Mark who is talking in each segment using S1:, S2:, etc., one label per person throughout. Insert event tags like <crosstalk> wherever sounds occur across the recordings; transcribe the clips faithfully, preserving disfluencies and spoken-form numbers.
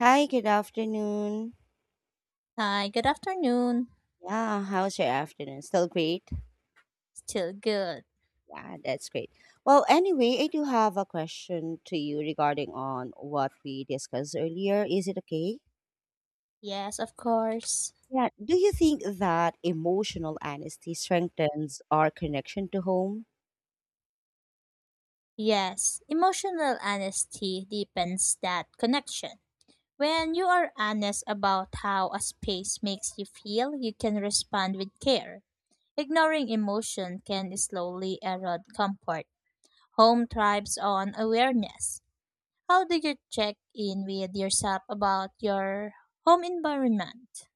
S1: Hi, good afternoon.
S2: Hi, good afternoon.
S1: Yeah, how's your afternoon? Still great?
S2: Still good.
S1: Yeah, that's great. Well, anyway, I do have a question to you regarding on what we discussed earlier. Is it okay?
S2: Yes, of course.
S1: Yeah. Do you think that emotional honesty strengthens our connection to home?
S2: Yes, emotional honesty deepens that connection. When you are honest about how a space makes you feel, you can respond with care. Ignoring emotion can slowly erode comfort. Home thrives on awareness. How do you check in with yourself about your home environment?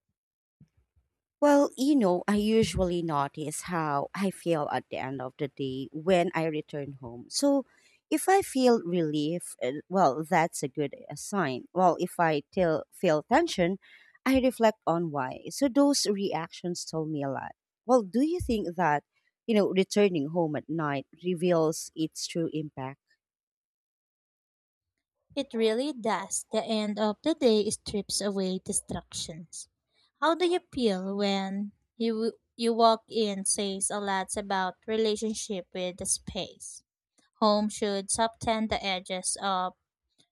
S1: Well, you know, I usually notice how I feel at the end of the day when I return home. So, if I feel relief, uh, well, that's a good uh, sign. Well, if I till, feel tension, I reflect on why. So, those reactions tell me a lot. Well, do you think that, you know, returning home at night reveals its true impact?
S2: It really does. The end of the day strips away distractions. How do you feel when you you walk in says a lot about relationship with the space. Home should soften the edges of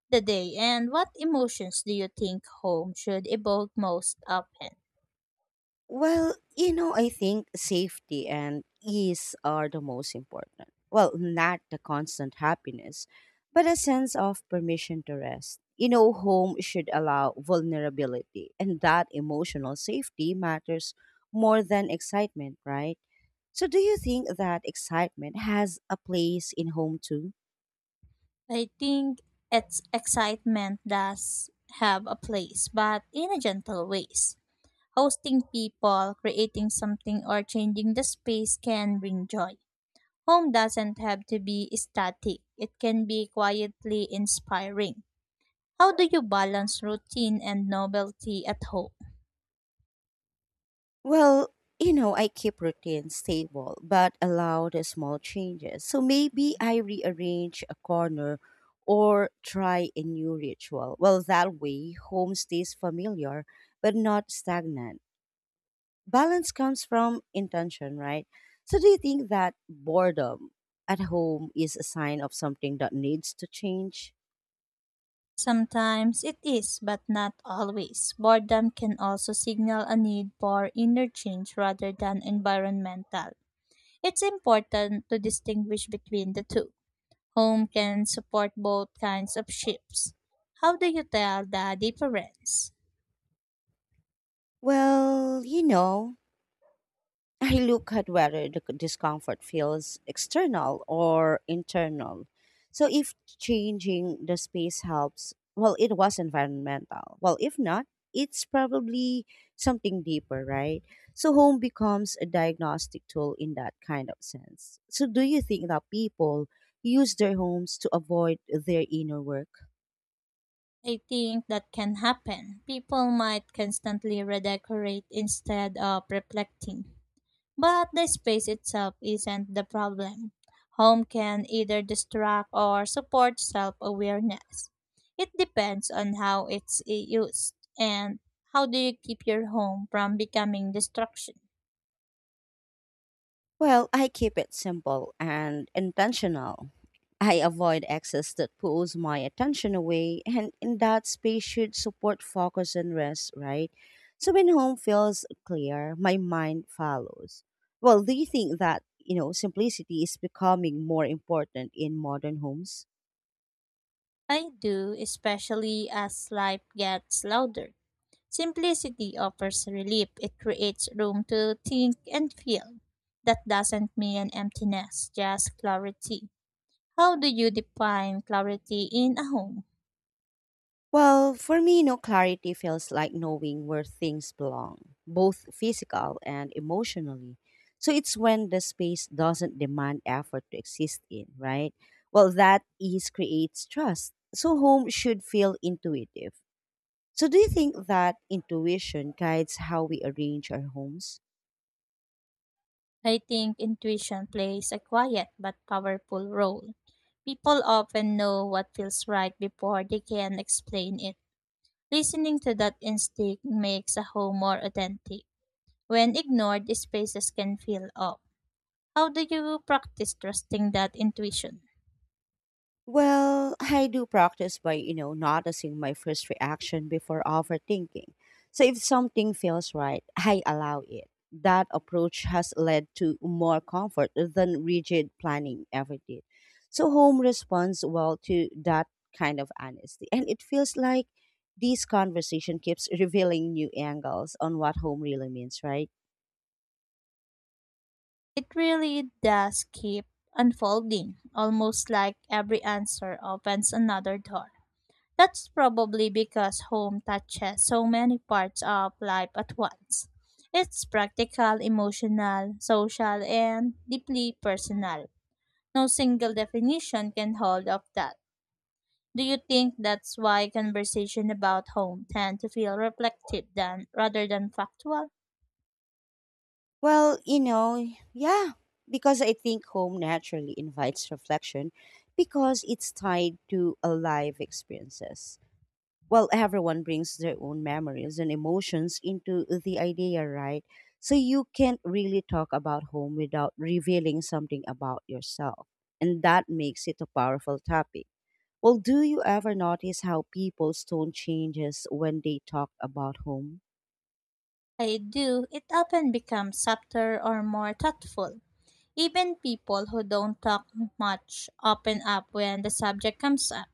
S2: the day, and what emotions do you think home should evoke most often?
S1: Well, you know, I think safety and ease are the most important. Well, not the constant happiness, but a sense of permission to rest. You know, home should allow vulnerability, and that emotional safety matters more than excitement, right? So, do you think that excitement has a place in home too?
S2: I think it's excitement does have a place, but in a gentle ways. Hosting people, creating something, or changing the space can bring joy. Home doesn't have to be static, it can be quietly inspiring. How do you balance routine and novelty at home?
S1: Well, you know, I keep routine stable but allow the small changes. So maybe I rearrange a corner or try a new ritual. Well, that way, home stays familiar but not stagnant. Balance comes from intention, right? So, do you think that boredom at home is a sign of something that needs to change?
S2: Sometimes it is, but not always. Boredom can also signal a need for inner change rather than environmental. It's important to distinguish between the two. Home can support both kinds of shifts. How do you tell the difference?
S1: Well, you know, I look at whether the c- discomfort feels external or internal. So if changing the space helps, well, it was environmental. Well, if not, it's probably something deeper, right? So home becomes a diagnostic tool in that kind of sense. So do you think that people use their homes to avoid their inner work?
S2: I think that can happen. People might constantly redecorate instead of reflecting. But the space itself isn't the problem. Home can either distract or support self awareness. It depends on how it's used, and how do you keep your home from becoming destruction?
S1: Well, I keep it simple and intentional. I avoid excess that pulls my attention away, and in that space should support focus and rest, right? So when home feels clear, my mind follows. Well, do you think that, you know, simplicity is becoming more important in modern homes?
S2: I do, especially as life gets louder. Simplicity offers relief, it creates room to think and feel. That doesn't mean emptiness, just clarity. How do you define clarity in a home?
S1: Well, for me, no clarity feels like knowing where things belong, both physical and emotionally. So it's when the space doesn't demand effort to exist in, right? Well, that ease creates trust. So home should feel intuitive. So do you think that intuition guides how we arrange our homes?
S2: I think intuition plays a quiet but powerful role. People often know what feels right before they can explain it. Listening to that instinct makes a home more authentic. When ignored, spaces can feel off. How do you practice trusting that intuition?
S1: Well, I do practice by, you know, noticing my first reaction before overthinking. So if something feels right, I allow it. That approach has led to more comfort than rigid planning ever did. So home responds well to that kind of honesty. And it feels like this conversation keeps revealing new angles on what home really means, right?
S2: It really does keep unfolding, almost like every answer opens another door. That's probably because home touches so many parts of life at once. It's practical, emotional, social, and deeply personal. No single definition can hold of that. Do you think that's why conversation about home tend to feel reflective than rather than factual?
S1: Well, you know, yeah, because I think home naturally invites reflection because it's tied to alive experiences. Well, everyone brings their own memories and emotions into the idea, right? So you can't really talk about home without revealing something about yourself. And that makes it a powerful topic. Well, do you ever notice how people's tone changes when they talk about home?
S2: I do. It often becomes subtler or more thoughtful. Even people who don't talk much open up when the subject comes up.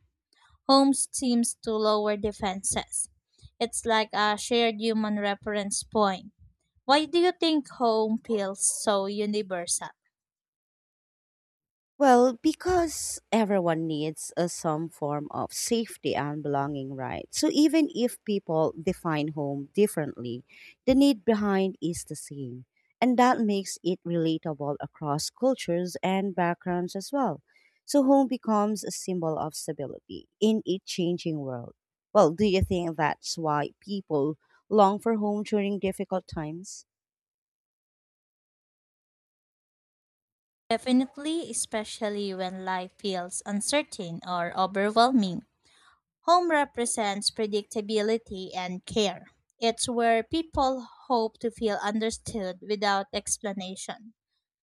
S2: Holmes seems to lower defenses. It's like a shared human reference point. Why do you think home feels so universal?
S1: Well, because everyone needs a, some form of safety and belonging, right? So even if people define home differently, the need behind is the same. And that makes it relatable across cultures and backgrounds as well. So home becomes a symbol of stability in a changing world. Well, do you think that's why people long for home during difficult times?
S2: Definitely, especially when life feels uncertain or overwhelming. Home represents predictability and care. It's where people hope to feel understood without explanation.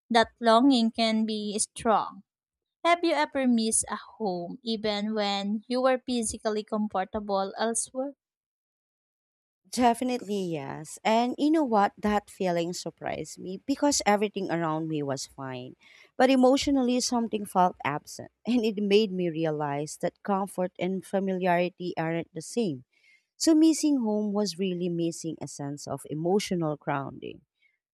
S2: That longing can be strong. Have you ever missed a home even when you were physically comfortable elsewhere?
S1: Definitely, yes. And you know what? That feeling surprised me because everything around me was fine. But emotionally, something felt absent. <laughs> And it made me realize that comfort and familiarity aren't the same. So, missing home was really missing a sense of emotional grounding.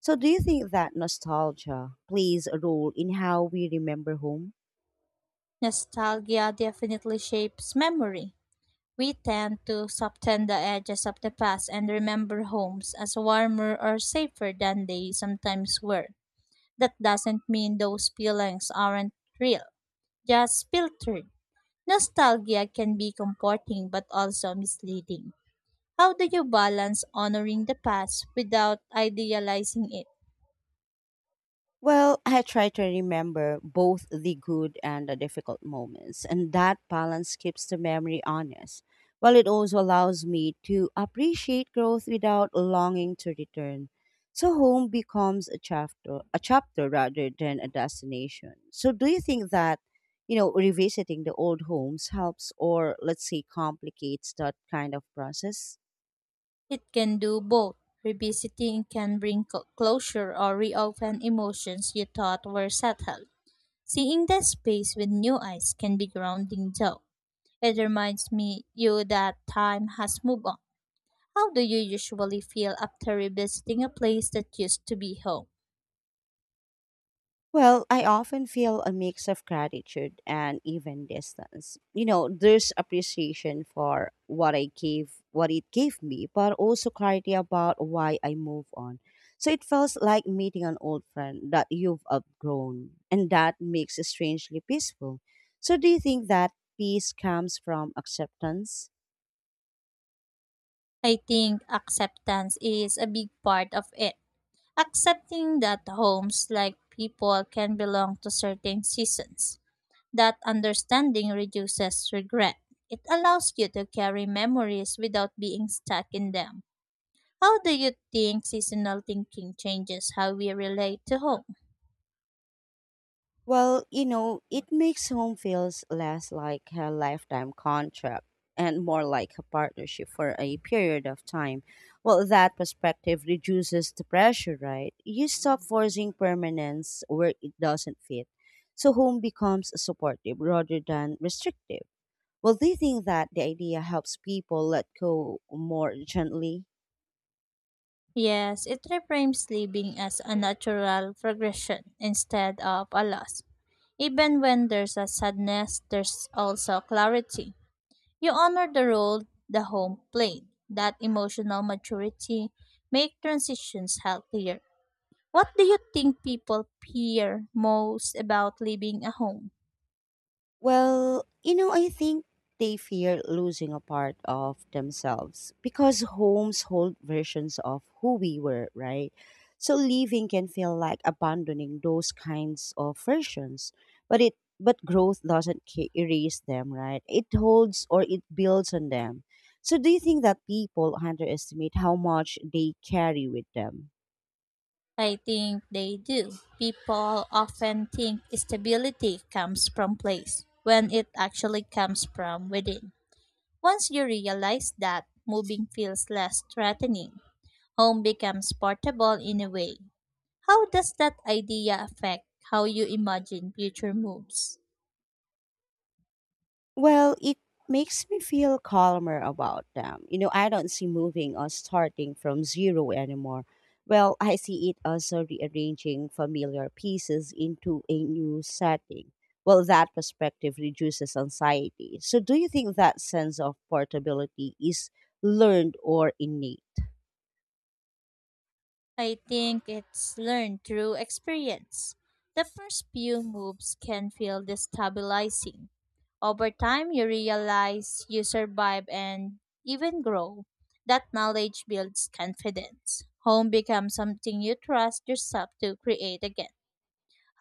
S1: So, do you think that nostalgia plays a role in how we remember home?
S2: Nostalgia definitely shapes memory. We tend to soften the edges of the past and remember homes as warmer or safer than they sometimes were. That doesn't mean those feelings aren't real, just filtered. Nostalgia can be comforting but also misleading. How do you balance honoring the past without idealizing it?
S1: Well, I try to remember both the good and the difficult moments, and that balance keeps the memory honest, while it also allows me to appreciate growth without longing to return. So home becomes a chapter, a chapter rather than a destination. So do you think that, you know, revisiting the old homes helps or let's say complicates that kind of process?
S2: It can do both. Revisiting can bring co- closure or reopen emotions you thought were settled. Seeing that space with new eyes can be grounding though. It reminds me you that time has moved on. How do you usually feel after revisiting a place that used to be home?
S1: Well, I often feel a mix of gratitude and even distance. You know, there's appreciation for what I gave, what it gave me, but also clarity about why I move on. So it feels like meeting an old friend that you've outgrown, and that makes it strangely peaceful. So, do you think that peace comes from acceptance?
S2: I think acceptance is a big part of it. Accepting that homes like people can belong to certain seasons. That understanding reduces regret. It allows you to carry memories without being stuck in them. How do you think seasonal thinking changes how we relate to home?
S1: Well, you know, it makes home feels less like a lifetime contract and more like a partnership for a period of time. Well, that perspective reduces the pressure, right? You stop forcing permanence where it doesn't fit. So home becomes supportive rather than restrictive. Well, do you think that the idea helps people let go more gently?
S2: Yes, it reframes living as a natural progression instead of a loss. Even when there's a sadness, there's also clarity. You honor the role the home played. That emotional maturity makes transitions healthier. What do you think people fear most about leaving a home?
S1: Well, you know, I think they fear losing a part of themselves because homes hold versions of who we were, right? So leaving can feel like abandoning those kinds of versions, but it but growth doesn't ca- erase them, right? It holds or it builds on them. So do you think that people underestimate how much they carry with them?
S2: I think they do. People often think stability comes from place when it actually comes from within. Once you realize that, moving feels less threatening. Home becomes portable in a way. How does that idea affect how you imagine future moves?
S1: Well, it makes me feel calmer about them. You know, I don't see moving or starting from zero anymore. Well, I see it as a rearranging familiar pieces into a new setting. Well, that perspective reduces anxiety. So, do you think that sense of portability is learned or innate?
S2: I think it's learned through experience. The first few moves can feel destabilizing. Over time, you realize you survive and even grow. That knowledge builds confidence. Home becomes something you trust yourself to create again.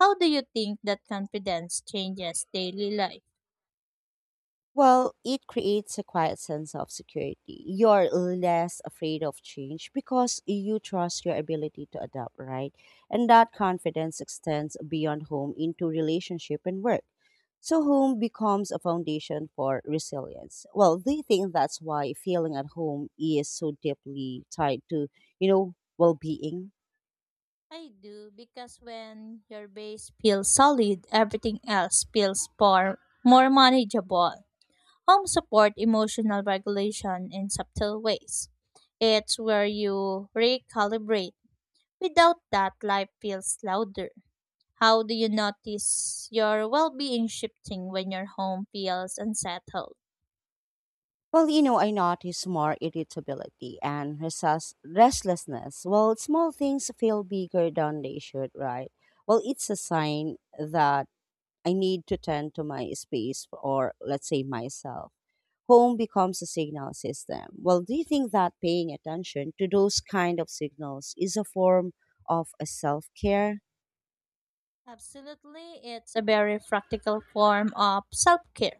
S2: How do you think that confidence changes daily life?
S1: Well, it creates a quiet sense of security. You're less afraid of change because you trust your ability to adapt, right? And that confidence extends beyond home into relationship and work. So, home becomes a foundation for resilience. Well, they think that's why feeling at home is so deeply tied to, you know, well being.
S2: I do because when your base feels solid, everything else feels more, more manageable. Home support emotional regulation in subtle ways. It's where you recalibrate. Without that, life feels louder. How do you notice your well being shifting when your home feels unsettled?
S1: Well, you know, I notice more irritability and restless- restlessness. Well, small things feel bigger than they should, right? Well, it's a sign that I need to tend to my space or, let's say, myself. Home becomes a signal system. Well, do you think that paying attention to those kind of signals is a form of a self care?
S2: Absolutely, it's a very practical form of self care.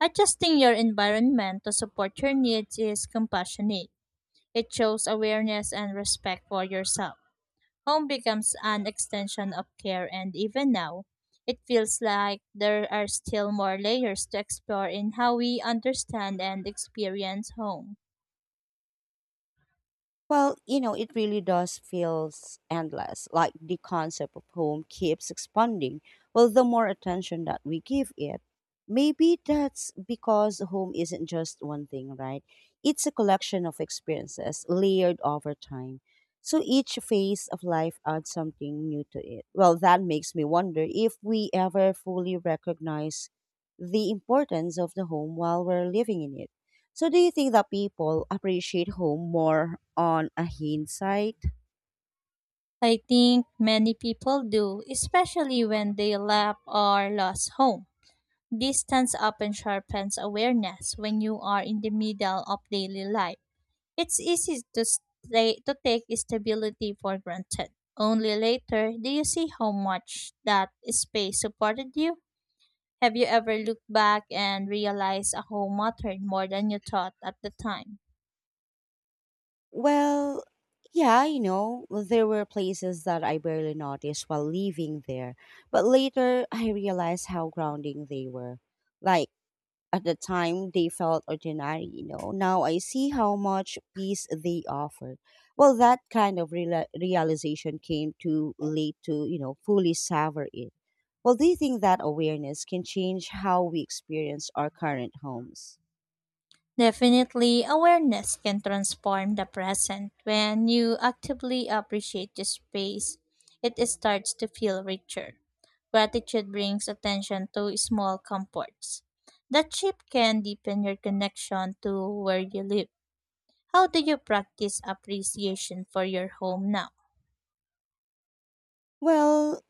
S2: Adjusting your environment to support your needs is compassionate, it shows awareness and respect for yourself. Home becomes an extension of care, and even now, it feels like there are still more layers to explore in how we understand and experience home.
S1: Well, you know, it really does feels endless. Like the concept of home keeps expanding. Well, the more attention that we give it, maybe that's because home isn't just one thing, right? It's a collection of experiences layered over time. So each phase of life adds something new to it. Well, that makes me wonder if we ever fully recognize the importance of the home while we're living in it. So do you think that people appreciate home more on a hindsight?
S2: I think many people do, especially when they left or lost home. Distance often sharpens awareness when you are in the middle of daily life. It's easy to stay, to take stability for granted. Only later do you see how much that space supported you. Have you ever looked back and realized a whole mattered more than you thought at the time?
S1: Well, yeah, you know, there were places that I barely noticed while living there, but later I realized how grounding they were. Like at the time, they felt ordinary, you know. Now I see how much peace they offered. Well, that kind of reala realization came too late to, you know, fully savor it. Well, do you think that awareness can change how we experience our current homes?
S2: Definitely, awareness can transform the present. When you actively appreciate the space, it starts to feel richer. Gratitude brings attention to small comforts. That shift can deepen your connection to where you live. How do you practice appreciation for your home now?
S1: Well,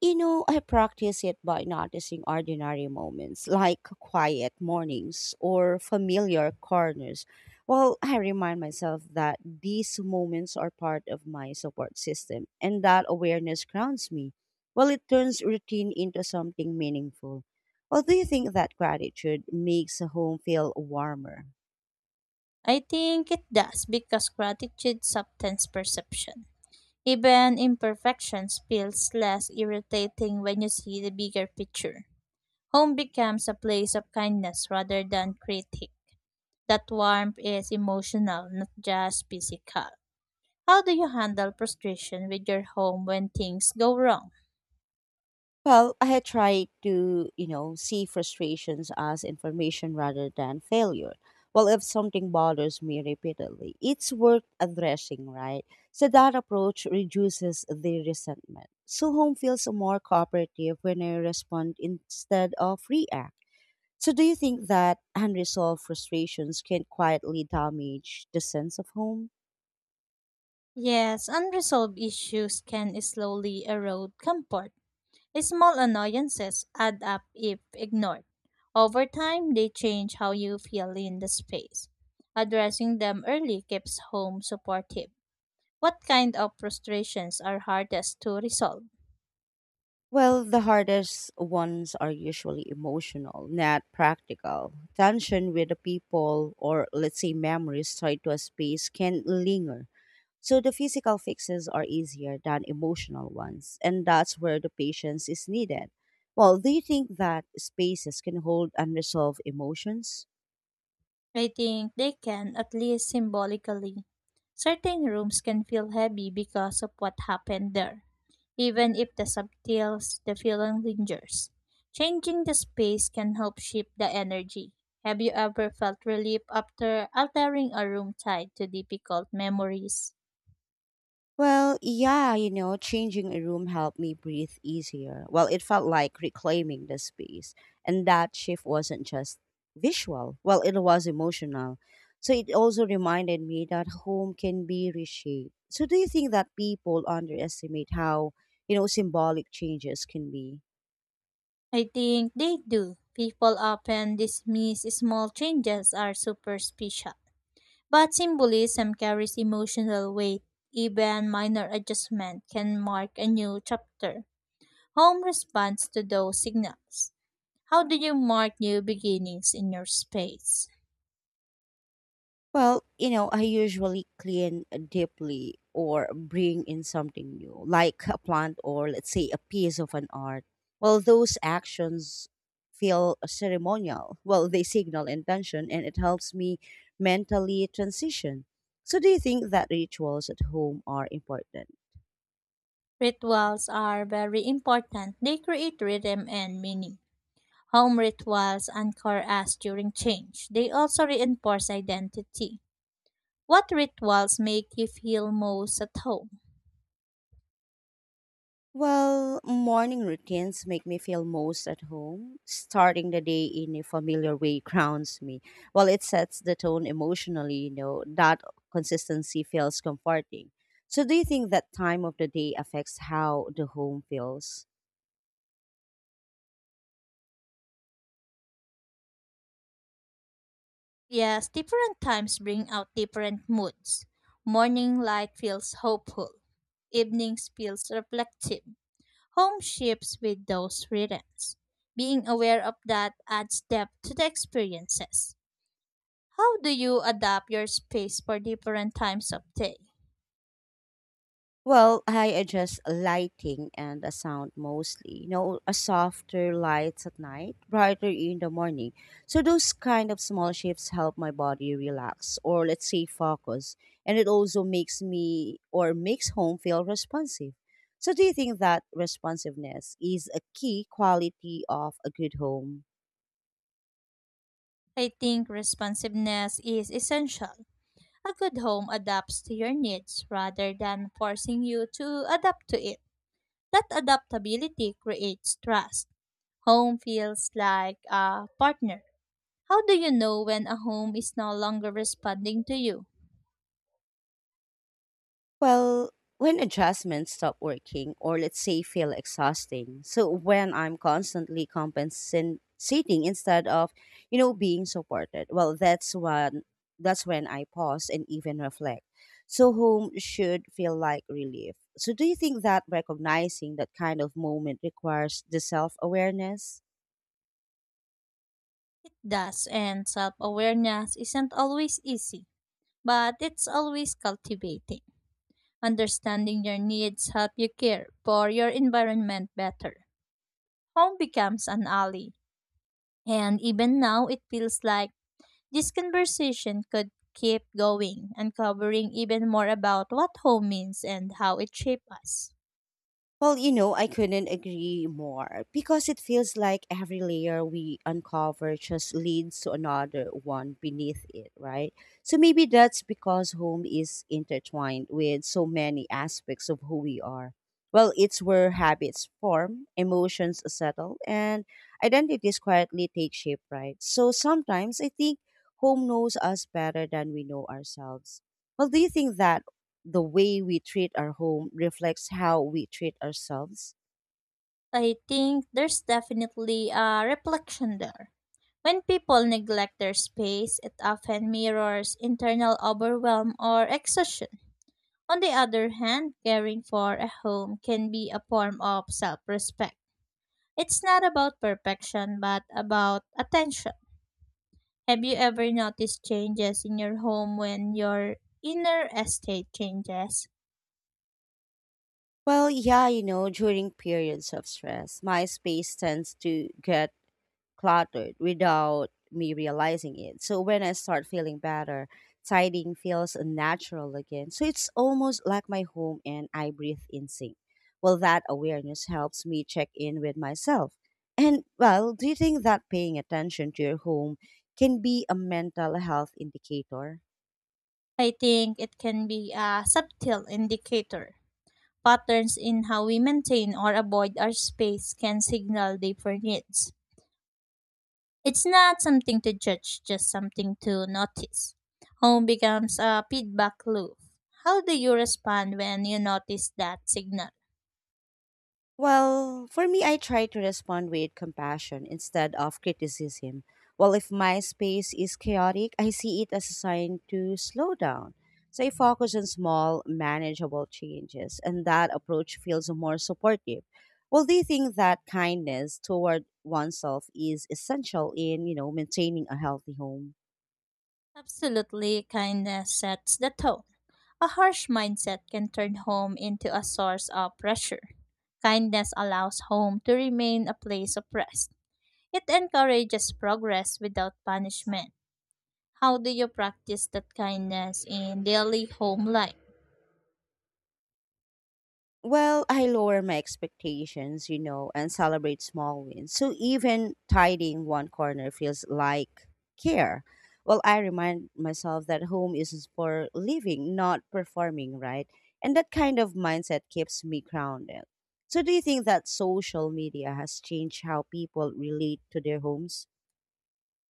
S1: you know, I practice it by noticing ordinary moments like quiet mornings or familiar corners. Well, I remind myself that these moments are part of my support system and that awareness grounds me. Well, it turns routine into something meaningful. Well, do you think that gratitude makes a home feel warmer?
S2: I think it does because gratitude softens perception. Even imperfections feels less irritating when you see the bigger picture. Home becomes a place of kindness rather than critique. That warmth is emotional, not just physical. How do you handle frustration with your home when things go wrong?
S1: Well, I had tried to, you know, see frustrations as information rather than failure. Well, if something bothers me repeatedly, it's worth addressing, right? So that approach reduces the resentment. So home feels more cooperative when I respond instead of react. So do you think that unresolved frustrations can quietly damage the sense of home?
S2: Yes, unresolved issues can slowly erode comfort. Small annoyances add up if ignored. Over time, they change how you feel in the space. Addressing them early keeps home supportive. What kind of frustrations are hardest to resolve?
S1: Well, the hardest ones are usually emotional, not practical. Tension with the people or let's say memories tied to a space can linger. So the physical fixes are easier than emotional ones, and that's where the patience is needed. Well, do you think that spaces can hold unresolved emotions?
S2: I think they can, at least symbolically. Certain rooms can feel heavy because of what happened there, even if the subtles, the feeling lingers. Changing the space can help shift the energy. Have you ever felt relief after altering a room tied to difficult memories?
S1: Well, yeah, you know, changing a room helped me breathe easier. Well, it felt like reclaiming the space. And that shift wasn't just visual, well, it was emotional. So it also reminded me that home can be reshaped. So do you think that people underestimate how, you know, symbolic changes can be?
S2: I think they do. People often dismiss small changes as superficial. But symbolism carries emotional weight. Even minor adjustment can mark a new chapter. Home responds to those signals. How do you mark new beginnings in your space?
S1: Well, you know, I usually clean deeply or bring in something new, like a plant or let's say a piece of an art. Well, those actions feel ceremonial. Well, they signal intention and it helps me mentally transition. So, do you think that rituals at home are important?
S2: Rituals are very important. They create rhythm and meaning. Home rituals anchor us during change. They also reinforce identity. What rituals make you feel most at home?
S1: Well, morning routines make me feel most at home. Starting the day in a familiar way <laughs> grounds me. Well, it sets the tone emotionally, you know, that consistency feels comforting. So, do you think that time of the day affects how the home feels?
S2: Yes, different times bring out different moods. Morning light feels hopeful, evenings feels reflective. Home shifts with those rhythms. Being aware of that adds depth to the experiences. How do you adapt your space for different times of day?
S1: Well, I adjust lighting and the sound mostly. You know, a softer lights at night, brighter in the morning. So those kind of small shifts help my body relax or let's say focus. And it also makes me or makes home feel responsive. So do you think that responsiveness is a key quality of a good home?
S2: I think responsiveness is essential. A good home adapts to your needs rather than forcing you to adapt to it. That adaptability creates trust. Home feels like a partner. How do you know when a home is no longer responding to you?
S1: Well, when adjustments stop working or let's say feel exhausting. So when I'm constantly compensating instead of, you know, being supported. Well, that's when that's when I pause and even reflect. So home should feel like relief. So do you think that recognizing that kind of moment requires the self-awareness?
S2: Thus, and self awareness isn't always easy, but it's always cultivating. Understanding your needs help you care for your environment better. Home becomes an ally. And even now, it feels like this conversation could keep going, uncovering even more about what home means and how it shapes us.
S1: Well, you know, I couldn't agree more because it feels like every layer we uncover just leads to another one beneath it, right? So maybe that's because home is intertwined with so many aspects of who we are. Well, it's where habits form, emotions settle, and identities quietly take shape, right? So sometimes I think home knows us better than we know ourselves. Well, do you think that the way we treat our home reflects how we treat ourselves?
S2: I think there's definitely a reflection there. When people neglect their space, it often mirrors internal overwhelm or exhaustion. On the other hand, caring for a home can be a form of self respect. It's not about perfection, but about attention. Have you ever noticed changes in your home when your inner estate changes?
S1: Well, yeah, you know, during periods of stress, my space tends to get cluttered without me realizing it. So when I start feeling better, tidying feels natural again. So it's almost like my home and I breathe in sync. Well, that awareness helps me check in with myself. And well, do you think that paying attention to your home can be a mental health indicator?
S2: I think it can be a subtle indicator. Patterns in how we maintain or avoid our space can signal different needs. It's not something to judge, just something to notice. Home becomes a feedback loop. How do you respond when you notice that signal?
S1: Well, for me, I try to respond with compassion instead of criticism. Well, if my space is chaotic, I see it as a sign to slow down. So I focus on small, manageable changes, and that approach feels more supportive. Well, do you think that kindness toward oneself is essential in, you know, maintaining a healthy home?
S2: Absolutely, kindness sets the tone. A harsh mindset can turn home into a source of pressure. Kindness allows home to remain a place of rest. It encourages progress without punishment. How do you practice that kindness in daily home life?
S1: Well, I lower my expectations, you know, and celebrate small wins. So even tidying one corner feels like care. Well, I remind myself that home is for living, not performing, right? And that kind of mindset keeps me grounded. So do you think that social media has changed how people relate to their homes?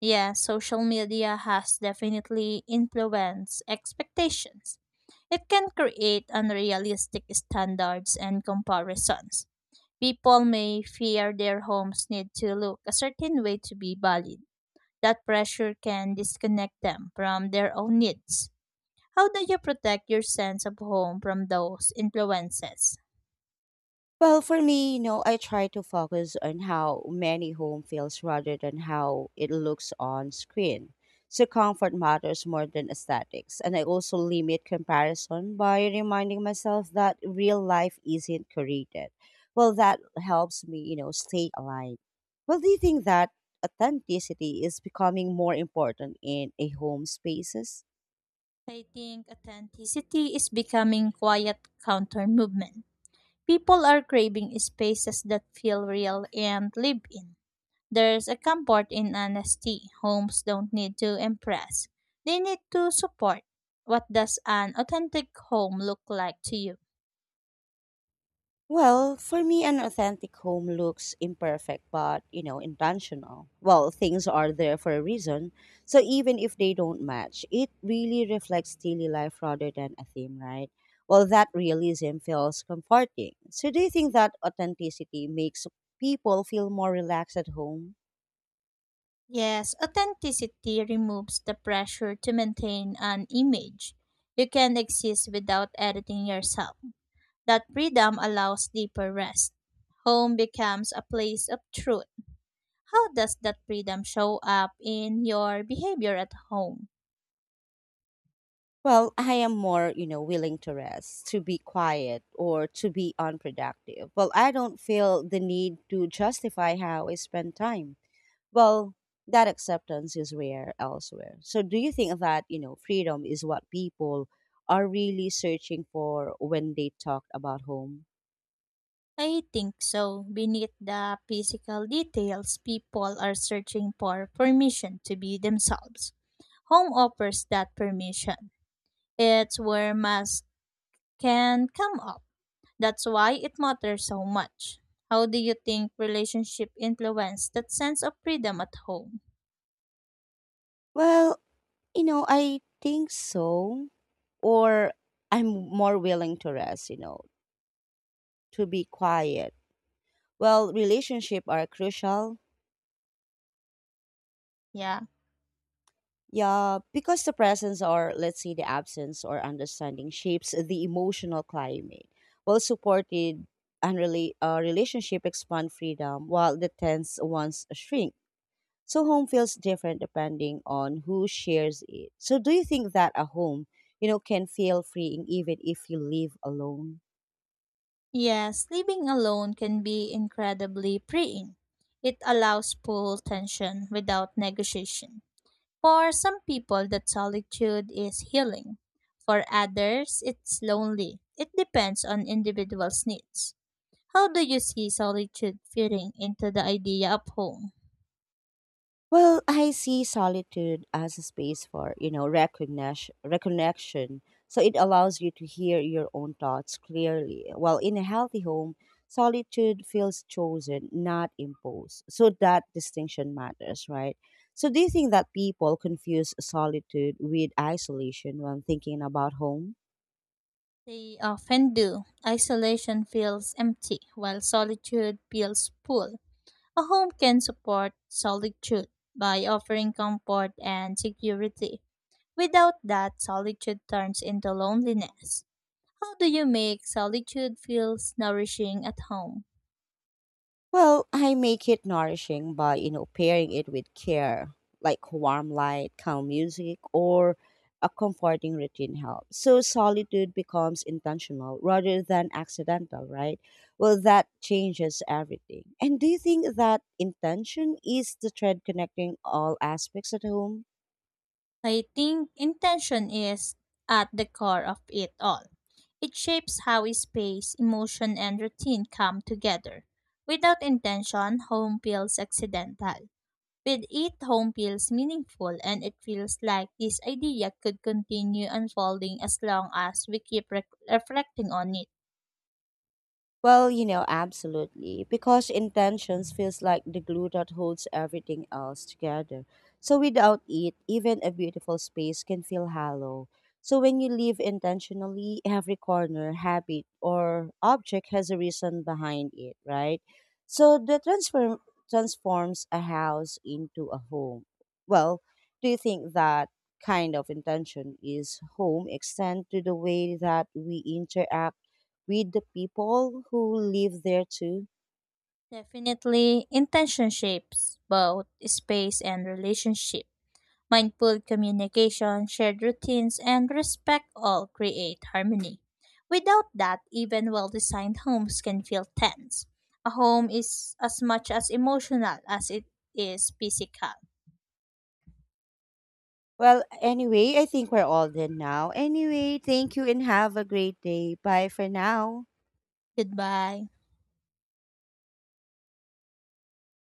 S2: Yeah, social media has definitely influenced expectations. It can create unrealistic standards and comparisons. People may fear their homes need to look a certain way to be valid. That pressure can disconnect them from their own needs. How do you protect your sense of home from those influences?
S1: Well, for me, you know, I try to focus on how many home feels rather than how it looks on screen. So comfort matters more than aesthetics. And I also limit comparison by reminding myself that real life isn't created. Well, that helps me, you know, stay aligned. Well, do you think that authenticity is becoming more important in a home spaces?
S2: I think authenticity is becoming quiet counter movement. People are craving spaces that feel real and live in. There's a comfort in honesty. Homes don't need to impress. They need to support. What does an authentic home look like to you?
S1: Well, for me, an authentic home looks imperfect, but you know, intentional. Well, things are there for a reason. So even if they don't match, it really reflects daily life rather than a theme, right? Well, that realism feels comforting. So do you think that authenticity makes people feel more relaxed at home?
S2: Yes, authenticity removes the pressure to maintain an image. You can exist without editing yourself. That freedom allows deeper rest. Home becomes a place of truth. How does that freedom show up in your behavior at home?
S1: Well, I am more, you know, willing to rest, to be quiet, or to be unproductive. Well, I don't feel the need to justify how I spend time. Well, that acceptance is rare elsewhere. So do you think that, you know, freedom is what people are really searching for when they talk about home?
S2: I think so. Beneath the physical details, people are searching for permission to be themselves. Home offers that permission. It's where masks can come up. That's why it matters so much. How do you think relationship influence that sense of freedom at home?
S1: Well, you know, I think so. Or I'm more willing to rest, you know, to be quiet. Well, relationship are crucial,
S2: Yeah.
S1: yeah, because the presence or let's say the absence or understanding shapes the emotional climate. Well supported and really uh, relationship expand freedom while the tense ones shrink. So home feels different depending on who shares it. So do you think that a home, you know, can feel freeing even if you live alone?
S2: Yes, living alone can be incredibly freeing. It allows full tension without negotiation. For some people, that solitude is healing. For others, it's lonely. It depends on individual's needs. How do you see solitude fitting into the idea of home?
S1: Well, I see solitude as a space for, you know, recognition, reconnection. So it allows you to hear your own thoughts clearly. While in a healthy home, solitude feels chosen, not imposed. So that distinction matters, right? So do you think that people confuse solitude with isolation when thinking about home?
S2: They often do. Isolation feels empty, while solitude feels full. A home can support solitude by offering comfort and security. Without that, solitude turns into loneliness. How do you make solitude feels nourishing at home?
S1: Well, I make it nourishing by, you know, pairing it with care, like warm light, calm music, or a comforting routine helps. So solitude becomes intentional rather than accidental, right? Well, that changes everything. And do you think that intention is the thread connecting all aspects at home?
S2: I think intention is at the core of it all. It shapes how space, emotion, and routine come together. Without intention, home feels accidental. With it, home feels meaningful, and it feels like this idea could continue unfolding as long as we keep rec reflecting on it.
S1: Well, you know, absolutely. Because intentions feels like the glue that holds everything else together. So without it, even a beautiful space can feel hollow. So when you live intentionally, every corner, habit, or object has a reason behind it, right? So that transform transforms a house into a home. Well, do you think that kind of intention is home extend to the way that we interact with the people who live there too?
S2: Definitely, intention shapes both space and relationship. Mindful communication, shared routines, and respect all create harmony. Without that, even well designed homes can feel tense. A home is as much as emotional as it is physical.
S1: Well, anyway, I think we're all done now. Anyway, thank you and have a great day. Bye for now.
S2: Goodbye.